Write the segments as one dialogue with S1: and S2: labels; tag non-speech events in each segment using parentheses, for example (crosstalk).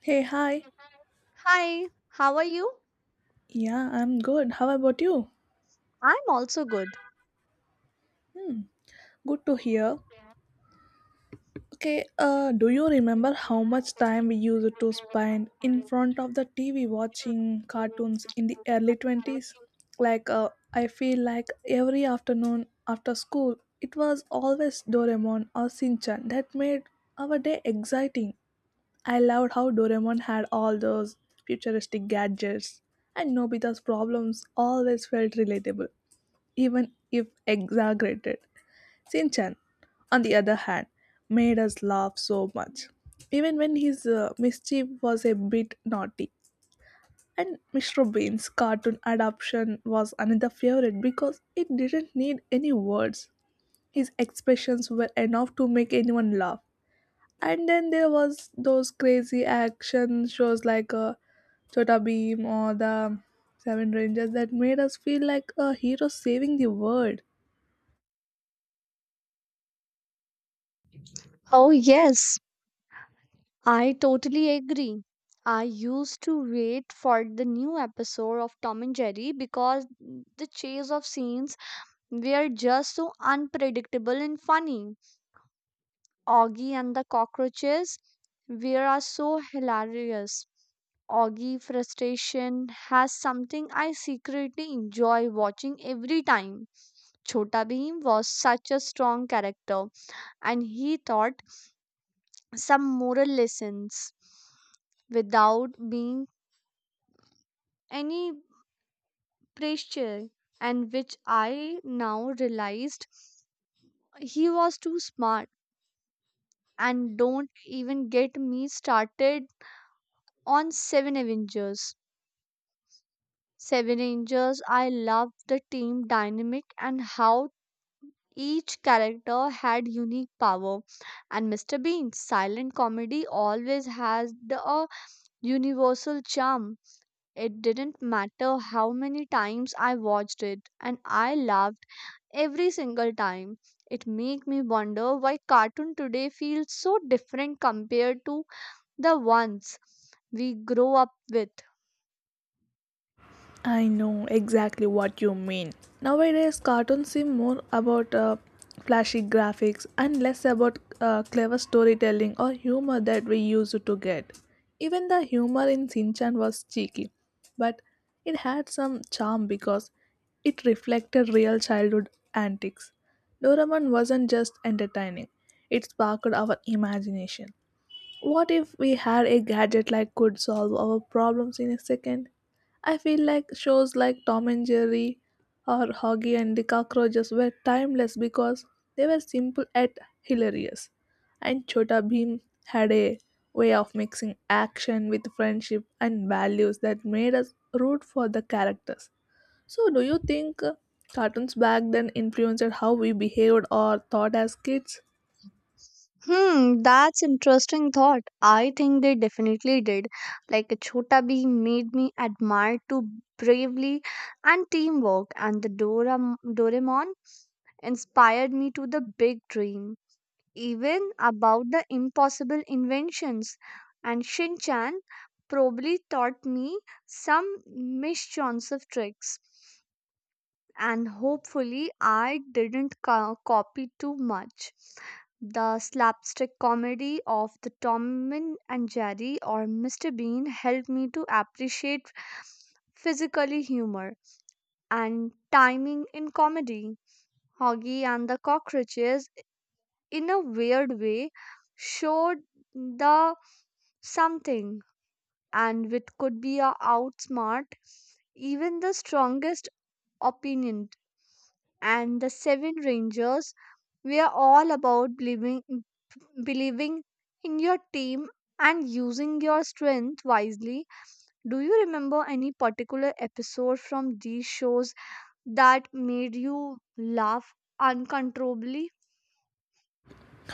S1: Hey, hi.
S2: Hi, how are you?
S1: Yeah, I'm good. How about you?
S2: I'm also good.
S1: Hmm, good to hear. Okay, do you remember how much time we used to spend in front of the TV watching cartoons in the early 20s? I feel like every afternoon after school, it was always Doraemon or Shinchan that made our day exciting. I loved how Doraemon had all those futuristic gadgets, and Nobita's problems always felt relatable even if exaggerated. Sinchan, on the other hand, made us laugh so much, even when his mischief was a bit naughty. And Mr. Bean's cartoon adaptation was another favorite because it didn't need any words. His expressions were enough to make anyone laugh. And then there was those crazy action shows like Chota Beam or the Seven Rangers that made us feel like a hero saving the world.
S2: Oh, yes, I totally agree. I used to wait for the new episode of Tom and Jerry because the chase of scenes were just so unpredictable and funny. Augie and the cockroaches were are so hilarious. Augie frustration has something I secretly enjoy watching every time. Chota Bheem was such a strong character and he taught some moral lessons without being any pressure, and which I now realized he was too smart, and don't even get me started on seven avengers. Seven Rangers, I loved the team dynamic and how each character had unique power. And Mr. Bean's silent comedy always has a universal charm. It didn't matter how many times I watched it, and I laughed every single time. It made me wonder why cartoon today feels so different compared to the ones we grow up with.
S1: I know exactly what you mean. Nowadays, cartoons seem more about flashy graphics and less about clever storytelling or humor that we used to get. Even the humor in Shinchan was cheeky, but it had some charm because it reflected real childhood antics. Doraemon wasn't just entertaining, it sparked our imagination. What if we had a gadget like could solve our problems in a second? I feel like shows like Tom and Jerry or Hoggy and the Cockroaches were timeless because they were simple yet hilarious. And Chota Bheem had a way of mixing action with friendship and values that made us root for the characters. So, do you think cartoons back then influenced how we behaved or thought as kids?
S2: Hmm, that's interesting thought. I think they definitely did. Like Chota Bee made me admire to bravely and teamwork, and the Doraemon inspired me to the big dream, even about the impossible inventions. And Shinchan probably taught me some mischievous tricks, and hopefully I didn't copy too much. The slapstick comedy of the Tom and Jerry or Mr. Bean helped me to appreciate physically humor and timing in comedy. Hoggy and the Cockroaches, in a weird way, showed the something, and which could be a outsmart even the strongest opinion, and the Seven Rangers were all about believing in your team and using your strength wisely. Do you remember any particular episode from these shows that made you laugh uncontrollably?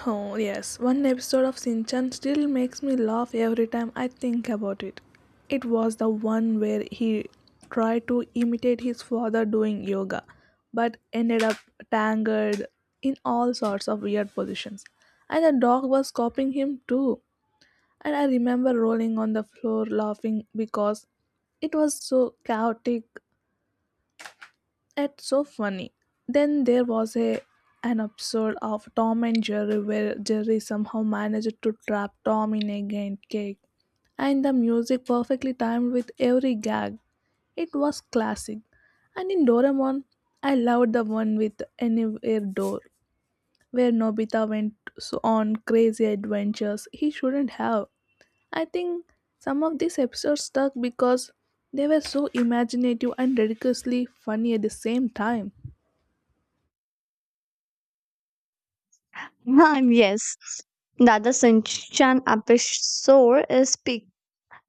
S1: Oh, yes, one episode of Shinchan still makes me laugh every time I think about it. It was the one where he tried to imitate his father doing yoga, but ended up tangled in all sorts of weird positions. And the dog was copying him too. And I remember rolling on the floor laughing because it was so chaotic it's so funny. Then there was a an episode of Tom and Jerry where Jerry somehow managed to trap Tom in a giant cake, and the music perfectly timed with every gag. It was classic. And in Doraemon, I loved the one with Anywhere Door, where Nobita went on crazy adventures he shouldn't have. I think some of these episodes stuck because they were so imaginative and ridiculously funny at the same time.
S2: (laughs) Yes, that the Shinchan episode is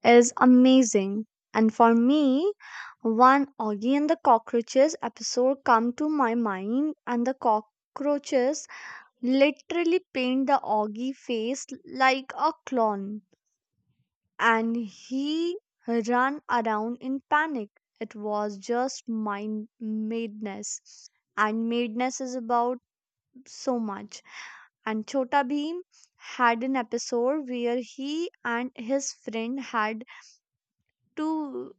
S2: is amazing. And for me, one Augie and the Cockroaches episode come to my mind, and the cockroaches literally paint the Augie face like a clown, and he ran around in panic. It was just mind madness. And madness is about so much. And Chota Bheem had an episode where he and his friend had to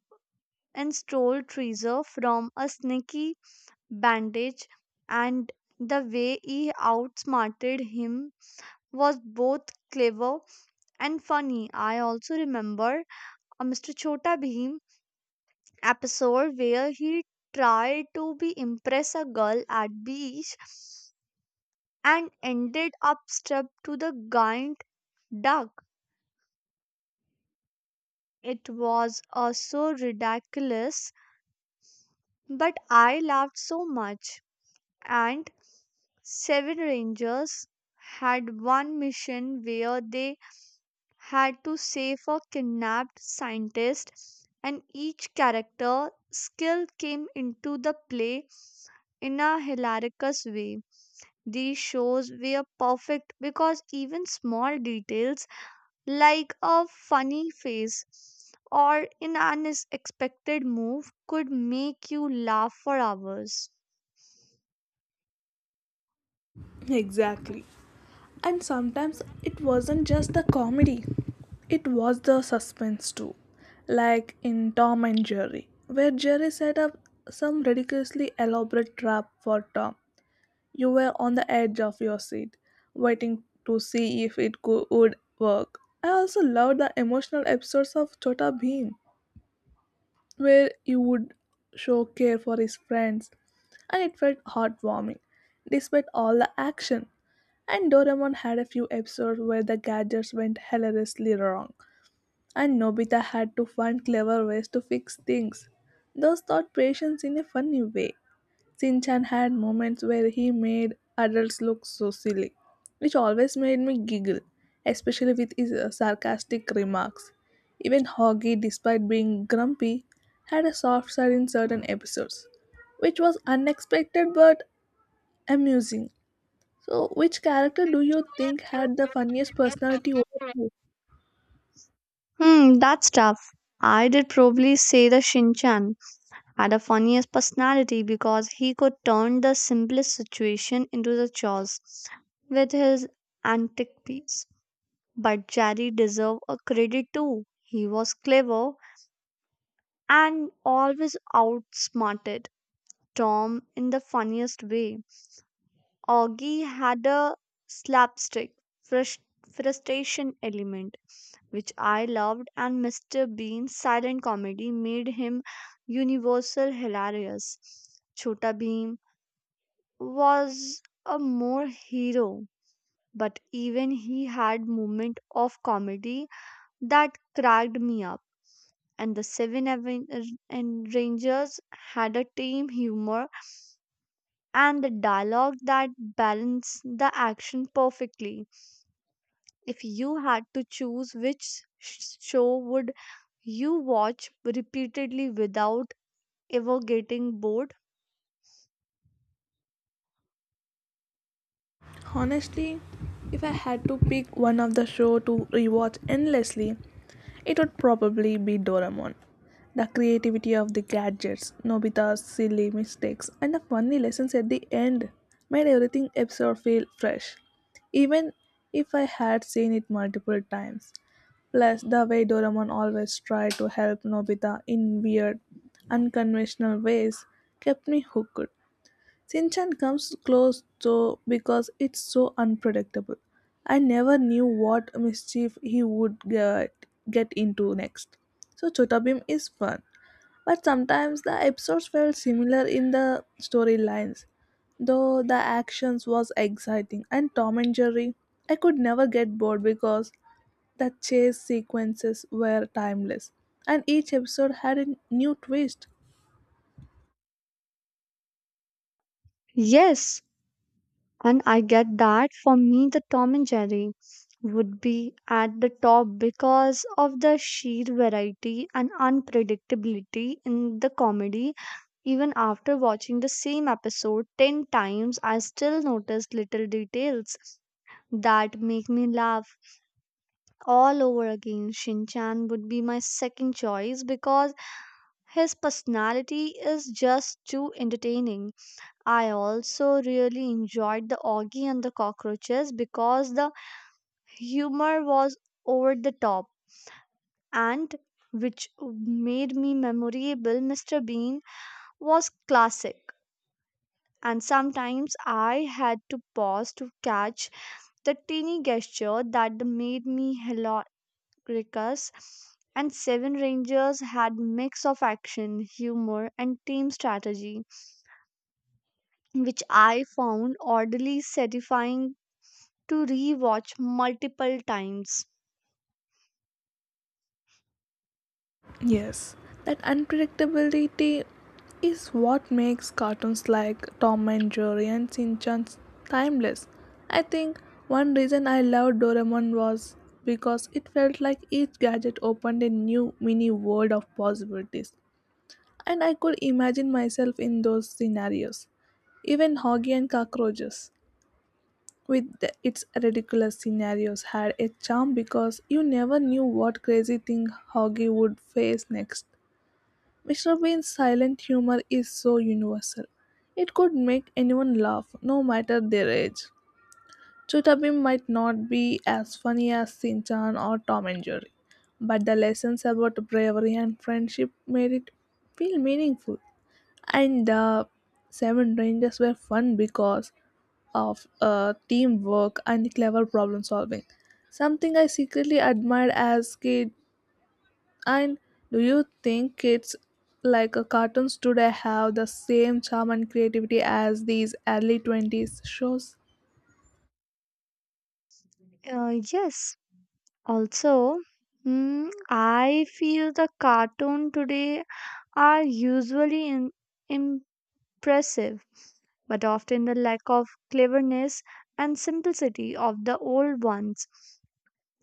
S2: and stole Treasure from a sneaky bandage, and the way he outsmarted him was both clever and funny. I also remember a Mr. Chota Bheem episode where he tried to be impress a girl at beach and ended up strapped to the giant duck. It was so ridiculous, but I laughed so much. And seven rangers had one mission where they had to save a kidnapped scientist, and each character skill came into the play in a hilarious way. These shows were perfect because even small details like a funny face or an unexpected move could make you laugh for hours.
S1: Exactly. And sometimes it wasn't just the comedy, it was the suspense too. Like in Tom and Jerry, where Jerry set up some ridiculously elaborate trap for Tom. You were on the edge of your seat, waiting to see if would work. I also loved the emotional episodes of Chota Bheem, where he would show care for his friends, and it felt heartwarming despite all the action. And Doraemon had a few episodes where the gadgets went hilariously wrong, and Nobita had to find clever ways to fix things. Those taught patience in a funny way. Shin Chan had moments where he made adults look so silly, which always made me giggle, especially with his sarcastic remarks. Even Hoggy, despite being grumpy, had a soft side in certain episodes, which was unexpected but amusing. So, which character do you think had the funniest personality overall?
S2: Hmm, that's tough. I did probably say the Shinchan had a funniest personality because he could turn the simplest situation into the chores with his antic piece. But Jerry deserved a credit too. He was clever and always outsmarted Tom in the funniest way. Augie had a slapstick frus- frustration element which I loved, and Mr. Bean's silent comedy made him universal hilarious. Chota Bheem was a more hero, but even he had moment of comedy that cracked me up. And the Seven Aven- and Rangers had a tame humor and the dialogue that balanced the action perfectly. If you had to choose which show would you watch repeatedly without ever getting bored?
S1: Honestly, if I had to pick one of the show to rewatch endlessly, it would probably be Doraemon. The creativity of the gadgets, Nobita's silly mistakes, and the funny lessons at the end made everything episode feel fresh, even if I had seen it multiple times. Plus, the way Doraemon always tried to help Nobita in weird, unconventional ways kept me hooked. Sinchan comes close though because it's so unpredictable. I never knew what mischief he would get into next. So Chotabim is fun, but sometimes the episodes felt similar in the storylines, though the actions was exciting and Tom and Jerry, I could never get bored because the chase sequences were timeless and each episode had a new twist.
S2: Yes, and I get that. For me the Tom and Jerry would be at the top because of the sheer variety and unpredictability in the comedy. Even after watching the same episode 10 times, I still notice little details that make me laugh all over again. Shinchan would be my second choice because his personality is just too entertaining. I also really enjoyed the Augie and the Cockroaches because the humor was over the top, and which made me memorable. Mr Bean was classic, and sometimes I had to pause to catch the teeny gesture that made me Rickus, and Seven Rangers had mix of action, humor, and team strategy, which I found oddly satisfying to rewatch multiple times.
S1: Yes, that unpredictability is what makes cartoons like Tom and Jerry and Shin Chan timeless. I think one reason I loved Doraemon was because it felt like each gadget opened a new mini world of possibilities, and I could imagine myself in those scenarios. Even Hoggy and Cockroaches, with its ridiculous scenarios, had a charm because you never knew what crazy thing Hoggy would face next. Mr. Bean's silent humor is so universal. It could make anyone laugh, no matter their age. Chutabim might not be as funny as Sinchan or Tom and Jerry, but the lessons about bravery and friendship made it feel meaningful. And the Seven Rangers were fun because of teamwork and clever problem solving. Something I secretly admired as kid and do you think kids like cartoons today have the same charm and creativity as these early 20s shows?
S2: Yes, also, I feel the cartoon today are usually impressive, but often the lack of cleverness and simplicity of the old ones.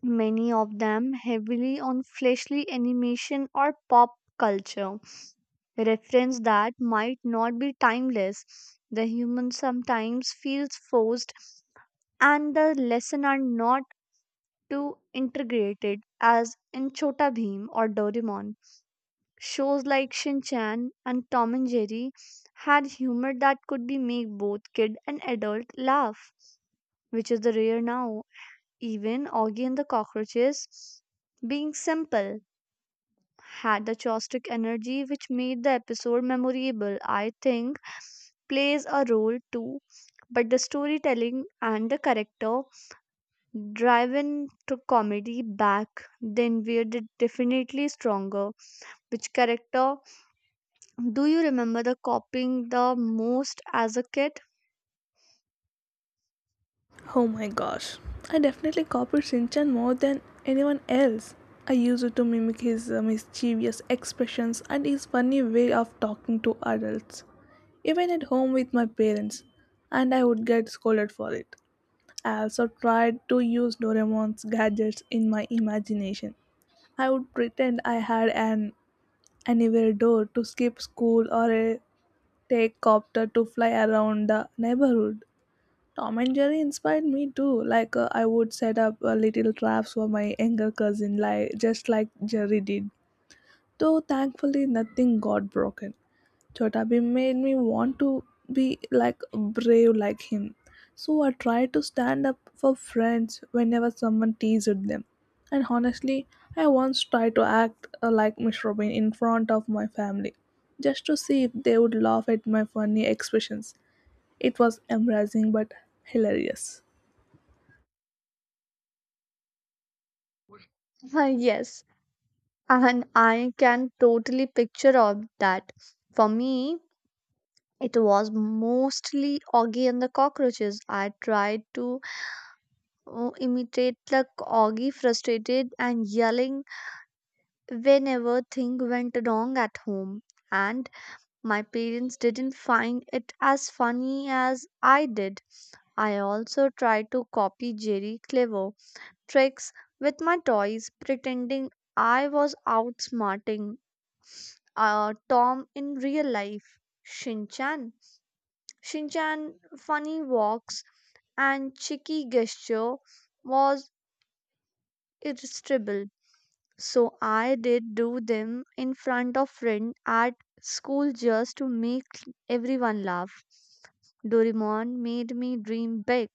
S2: Many of them heavily on fleshly animation or pop culture, reference that might not be timeless. The human sometimes feels forced, and the lesson are not too integrated as in Chota Bheem or Doraemon. Shows like Shin Chan and Tom and Jerry had humor that could be make both kid and adult laugh, which is the rare now. Even Augie and the Cockroaches being simple had the chaotic energy which made the episode memorable. I think plays a role too, but the storytelling and the character driven to comedy back then were definitely stronger. Which character do you remember the copying the most as a kid?
S1: Oh my gosh. I definitely copied Shinchan more than anyone else. I used to mimic his mischievous expressions and his funny way of talking to adults, even at home with my parents, and I would get scolded for it. I also tried to use Doraemon's gadgets in my imagination. I would pretend I had an anywhere door to skip school or a take copter to fly around the neighborhood. Tom and Jerry inspired me too. I would set up little traps for my younger cousin, like just like Jerry did. Though thankfully nothing got broken. Chota Bhim made me want to be like brave like him. So I tried to stand up for friends whenever someone teased them. And honestly, I once tried to act like Miss Robin in front of my family just to see if they would laugh at my funny expressions. It was embarrassing but hilarious.
S2: (laughs) Yes, and I can totally picture of that. For me, it was mostly Augie and the cockroaches. I tried to Oh, imitate like Augie, frustrated and yelling whenever thing went wrong at home. And my parents didn't find it as funny as I did. I also tried to copy Jerry clever tricks with my toys, pretending I was outsmarting Tom in real life. Shinchan. Shinchan funny walks and cheeky gesture was irresistible. So I did do them in front of friend at school just to make everyone laugh. Doraemon made me dream big.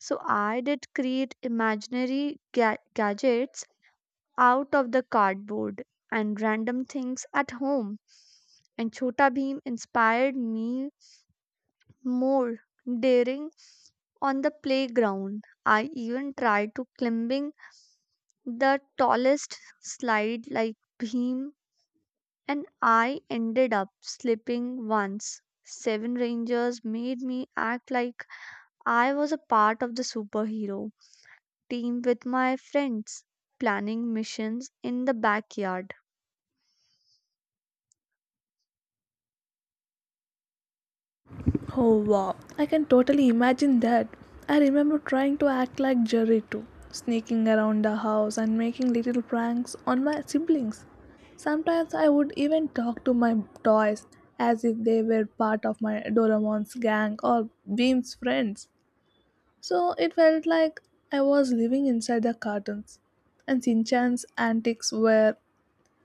S2: So I did create imaginary gadgets out of the cardboard and random things at home. And Chota Bheem inspired me more daring on the playground. I even tried to climbing the tallest slide like Bheem, and I ended up slipping once. Seven Rangers made me act like I was a part of the superhero team with my friends, planning missions in the backyard.
S1: Oh wow, I can totally imagine that. I remember trying to act like Jerry too, sneaking around the house and making little pranks on my siblings. Sometimes I would even talk to my toys as if they were part of my Doraemon's gang or Beam's friends. So it felt like I was living inside the cartoons, and Shinchan's antics were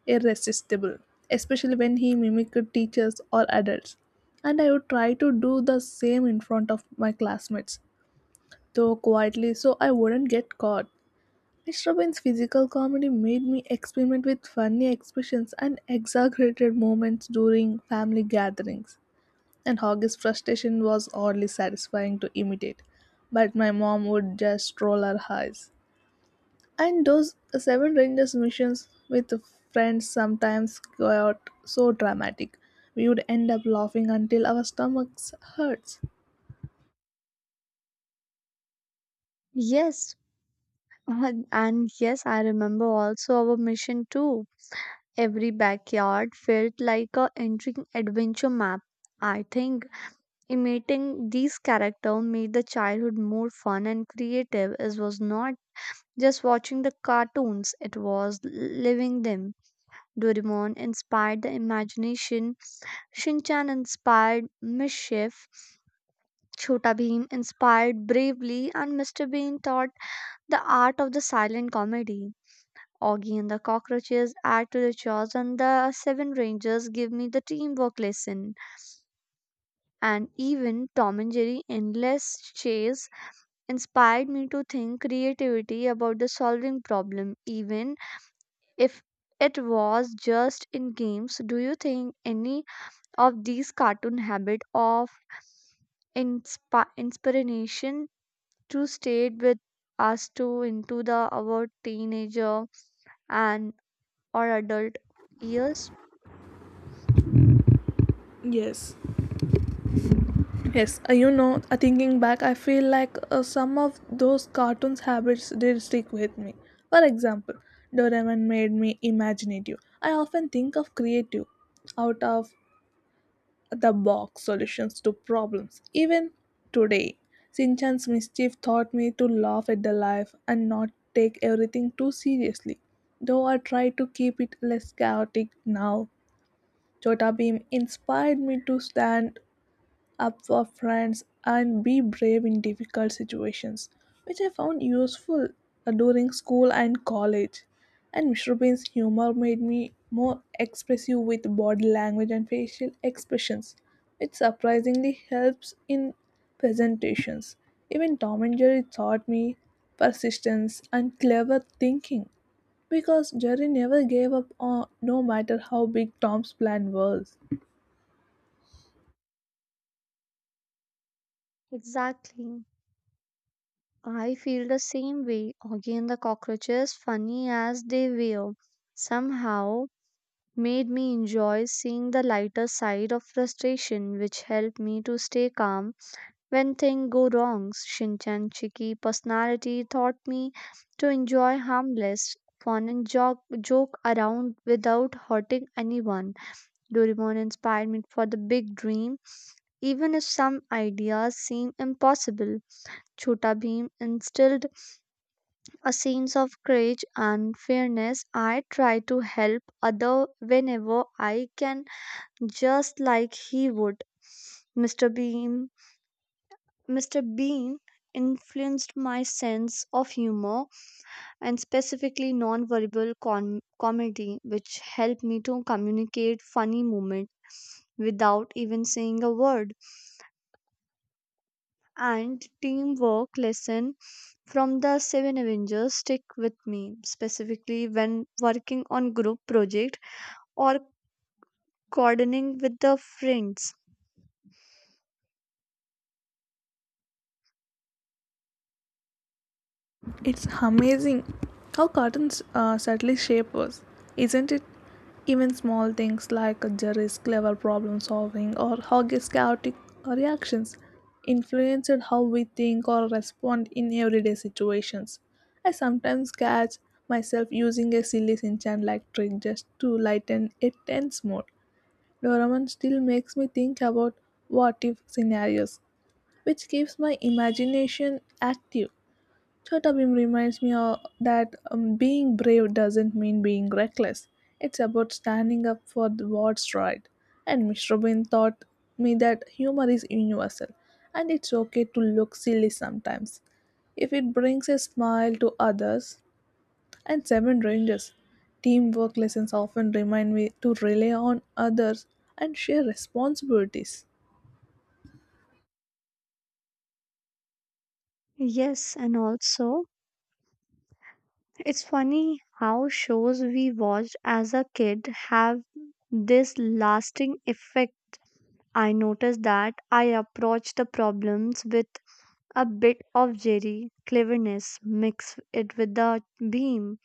S1: irresistible, especially when he mimicked teachers or adults. And I would try to do the same in front of my classmates, though quietly so I wouldn't get caught. Mr. Bean's physical comedy made me experiment with funny expressions and exaggerated moments during family gatherings, and Hoggy's frustration was oddly satisfying to imitate. But my mom would just roll her eyes. And those Seven Rangers missions with friends sometimes got so dramatic. We would end up laughing until our stomachs hurts.
S2: Yes, and yes, I remember also our mission too. Every backyard felt like a entering adventure map. I think imitating these characters made the childhood more fun and creative. It was not just watching the cartoons, it was living them. Doraemon inspired the imagination, Shinchan inspired mischief, Chota Bheem inspired bravery, and Mr. Bean taught the art of the silent comedy. Augie and the cockroaches add to the chores, and the seven rangers give me the teamwork lesson. And even Tom and Jerry endless chase inspired me to think creativity about the solving problem. Even if it was just in games, do you think any of these cartoon habit of inspiration to stayed with us to into the our teenager and or adult years?
S1: Yes. Yes, thinking back, I feel like some of those cartoons habits did stick with me. For example, Doraemon made me imaginative. I often think of creative out of the box solutions to problems. Even today, Sinchan's mischief taught me to laugh at the life and not take everything too seriously. Though I try to keep it less chaotic now, Chota Beam inspired me to stand up for friends and be brave in difficult situations, which I found useful during school and college. And Mr. Bean's humor made me more expressive with body language and facial expressions, which surprisingly helps in presentations. Even Tom and Jerry taught me persistence and clever thinking because Jerry never gave up on no matter how big Tom's plan was.
S2: Exactly. I feel the same way. Again, the cockroaches, funny as they were, somehow made me enjoy seeing the lighter side of frustration, which helped me to stay calm when things go wrong. Shinchan's cheeky personality taught me to enjoy harmless fun and joke around without hurting anyone. Doraemon inspired me for the big dream, even if some ideas seem impossible. Chota Bheem instilled a sense of courage and fairness. I try to help other whenever I can, just like he would. Mr. Beam. Mr. Bean influenced my sense of humor and specifically non-verbal comedy, which helped me to communicate funny moments without even saying a word. And teamwork lesson from the Seven Avengers stick with me, specifically when working on group project or coordinating with the friends.
S1: It's amazing how cotton's subtly shape was, isn't it? Even small things like Jerry's clever problem solving or Hoggy's chaotic reactions influenced how we think or respond in everyday situations. I sometimes catch myself using a silly Sinchan like trick just to lighten a tense mood. Doraemon still makes me think about what if scenarios, which keeps my imagination active. Chota Bhim reminds me that being brave doesn't mean being reckless. It's about standing up for the what's right. And Mr. Bean taught me that humor is universal and it's okay to look silly sometimes. If it brings a smile to others and seven rangers, teamwork lessons often remind me to rely on others and share responsibilities.
S2: Yes, and also it's funny how shows we watched as a kid have this lasting effect. I noticed that I approached the problems with a bit of Jerry cleverness, mix it with the beam,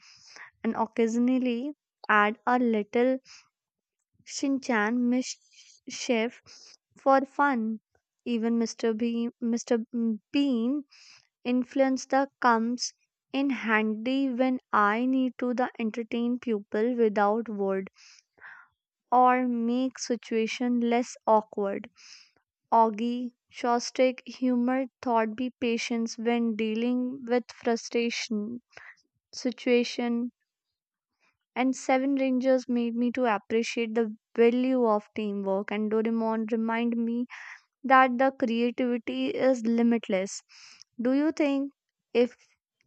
S2: and occasionally add a little Shinchan mischief for fun. Even Mr. Bean influence that comes in handy when I need to the entertain people without word or make situation less awkward. Augie Shostak humor taught me patience when dealing with frustration situation, and Seven Rangers made me to appreciate the value of teamwork, and Doraemon remind me that the creativity is limitless. Do you think if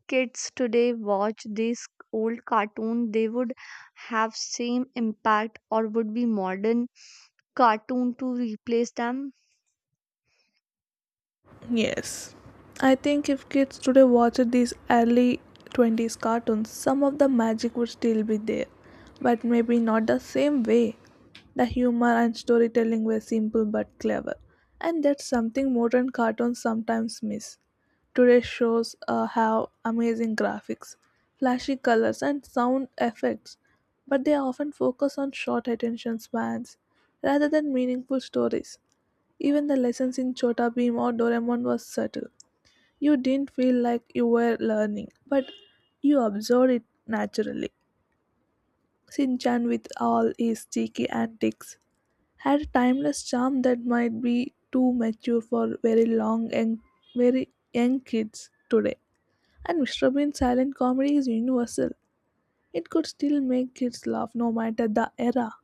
S2: kids today watch these old cartoon they would have same impact or would be modern cartoon to replace them?
S1: Yes. I think if kids today watched these early 20s cartoons, some of the magic would still be there, but maybe not the same way. The humor and storytelling were simple but clever, and that's something modern cartoons sometimes miss. Today's shows have amazing graphics, flashy colors, and sound effects, but they often focus on short attention spans rather than meaningful stories. Even the lessons in Chota Bheem or Doraemon was subtle. You didn't feel like you were learning, but you absorbed it naturally. Shinchan with all his cheeky antics had a timeless charm that might be too mature for very long and very young kids today. And Mr. Bean's silent comedy is universal. It could still make kids laugh no matter the era.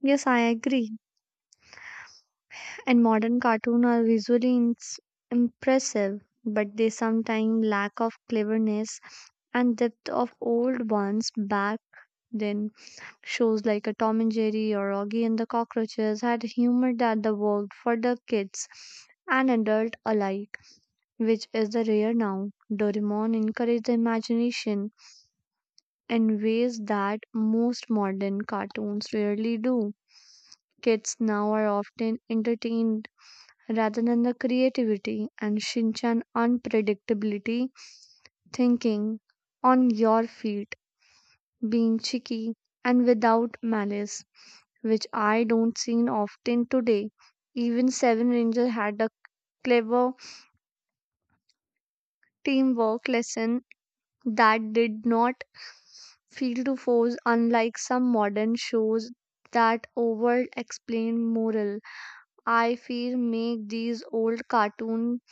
S2: Yes, I agree. And modern cartoon are visually impressive, but they sometimes lack of cleverness and depth of old ones back then. Shows like a Tom and Jerry or Augie and the Cockroaches had humor that the worked for the kids and adult alike, which is the rare now. Doraemon encouraged the imagination in ways that most modern cartoons rarely do. Kids now are often entertained rather than the creativity, and Shinchan unpredictability thinking on your feet being cheeky, and without malice, which I don't see often today. Even Seven Ranger had a clever teamwork lesson that did not feel too forced, unlike some modern shows that over explain moral. I feel make these old cartoons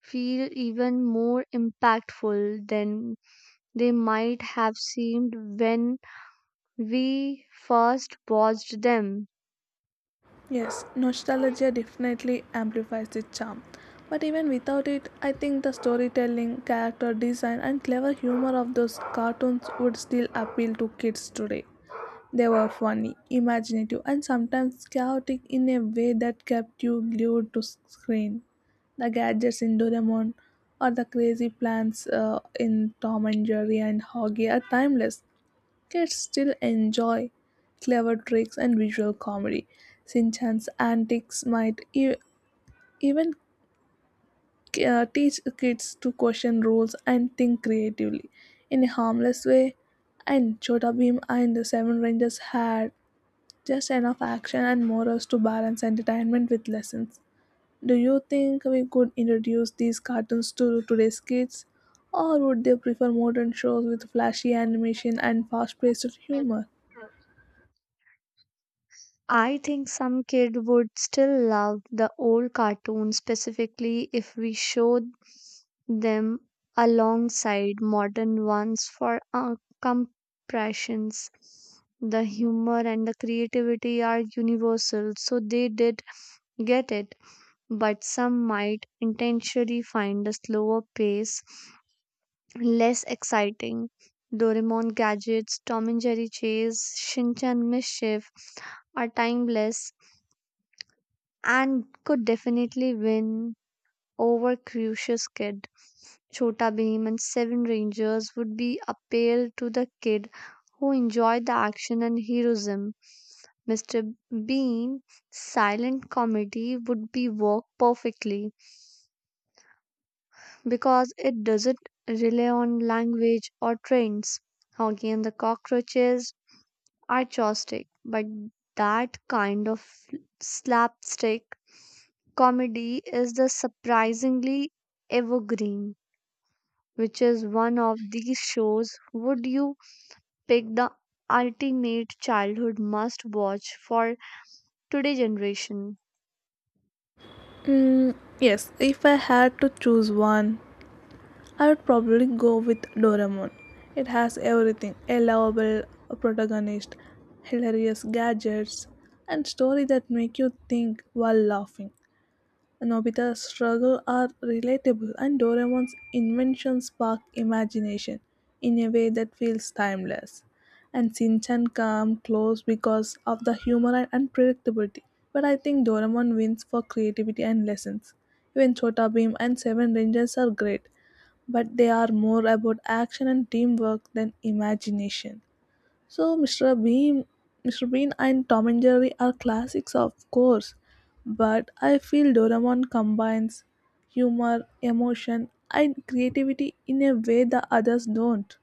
S2: feel even more impactful than they might have seemed when we first watched them.
S1: Yes, nostalgia definitely amplifies its charm. But even without it, I think the storytelling, character design, and clever humor of those cartoons would still appeal to kids today. They were funny, imaginative, and sometimes chaotic in a way that kept you glued to screen. The gadgets in Doraemon or the crazy plans in Tom and Jerry and Hoggy are timeless. Kids still enjoy clever tricks and visual comedy. Sinchan's antics might even teach kids to question rules and think creatively in a harmless way. And Chota Bheem and the Seven Rangers had just enough action and morals to balance entertainment with lessons. Do you think we could introduce these cartoons to today's kids? Or would they prefer modern shows with flashy animation and fast paced humor?
S2: I think some kid would still love the old cartoons specifically if we showed them alongside modern ones for compressions. The humor and the creativity are universal, so they did get it, but some might intentionally find a slower pace less exciting. Doraemon gadgets, Tom and Jerry chase, Shinchan mischief are timeless and could definitely win over Crucius Kid. Chota Bheem and Seven Rangers would be appeal to the kid who enjoyed the action and heroism. Mr. Bean silent comedy would be work perfectly because it doesn't rely on language or trends. Hoggy and the Cockroaches are chopstick, but that kind of slapstick comedy is the surprisingly evergreen. Which is one of these shows would you pick the ultimate childhood must watch for today's generation?
S1: Mm, yes, if I had to choose one, I would probably go with Doraemon. It has everything a lovable protagonist, hilarious gadgets, and story that make you think while laughing. Nobita's struggles are relatable and Doraemon's inventions spark imagination in a way that feels timeless. And Shinchan come close because of the humor and unpredictability. But I think Doraemon wins for creativity and lessons. Even Chota Beam and Seven Rangers are great, but they are more about action and teamwork than imagination. So, Mr. Bean and Tom and Jerry are classics, of course, but I feel Doraemon combines humor, emotion, and creativity in a way the others don't.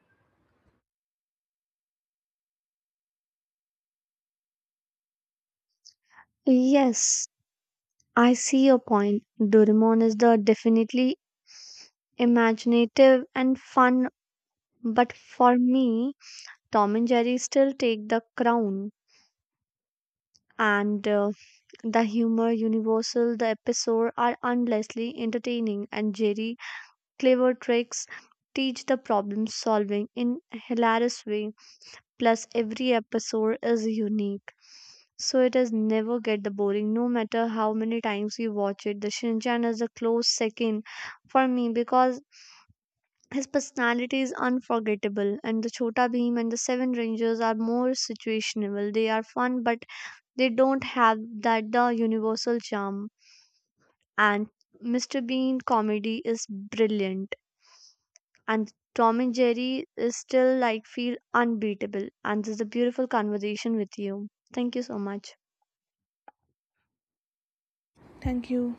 S2: Yes, I see your point. Doraemon is the definitely imaginative and fun, but for me, Tom and Jerry still take the crown. And the humor, universal, the episodes are endlessly entertaining, and Jerry clever tricks teach the problem solving in hilarious way. Plus, every episode is unique, so it is never get the boring. No matter how many times you watch it, the Shinchan is a close second for me because his personality is unforgettable, and the Chota Bheem and the Seven Rangers are more situational. They are fun, but they don't have that the universal charm, and Mr. Bean comedy is brilliant, and Tom and Jerry is still like feel unbeatable, and this is a beautiful conversation with you. Thank you so much.
S1: Thank you.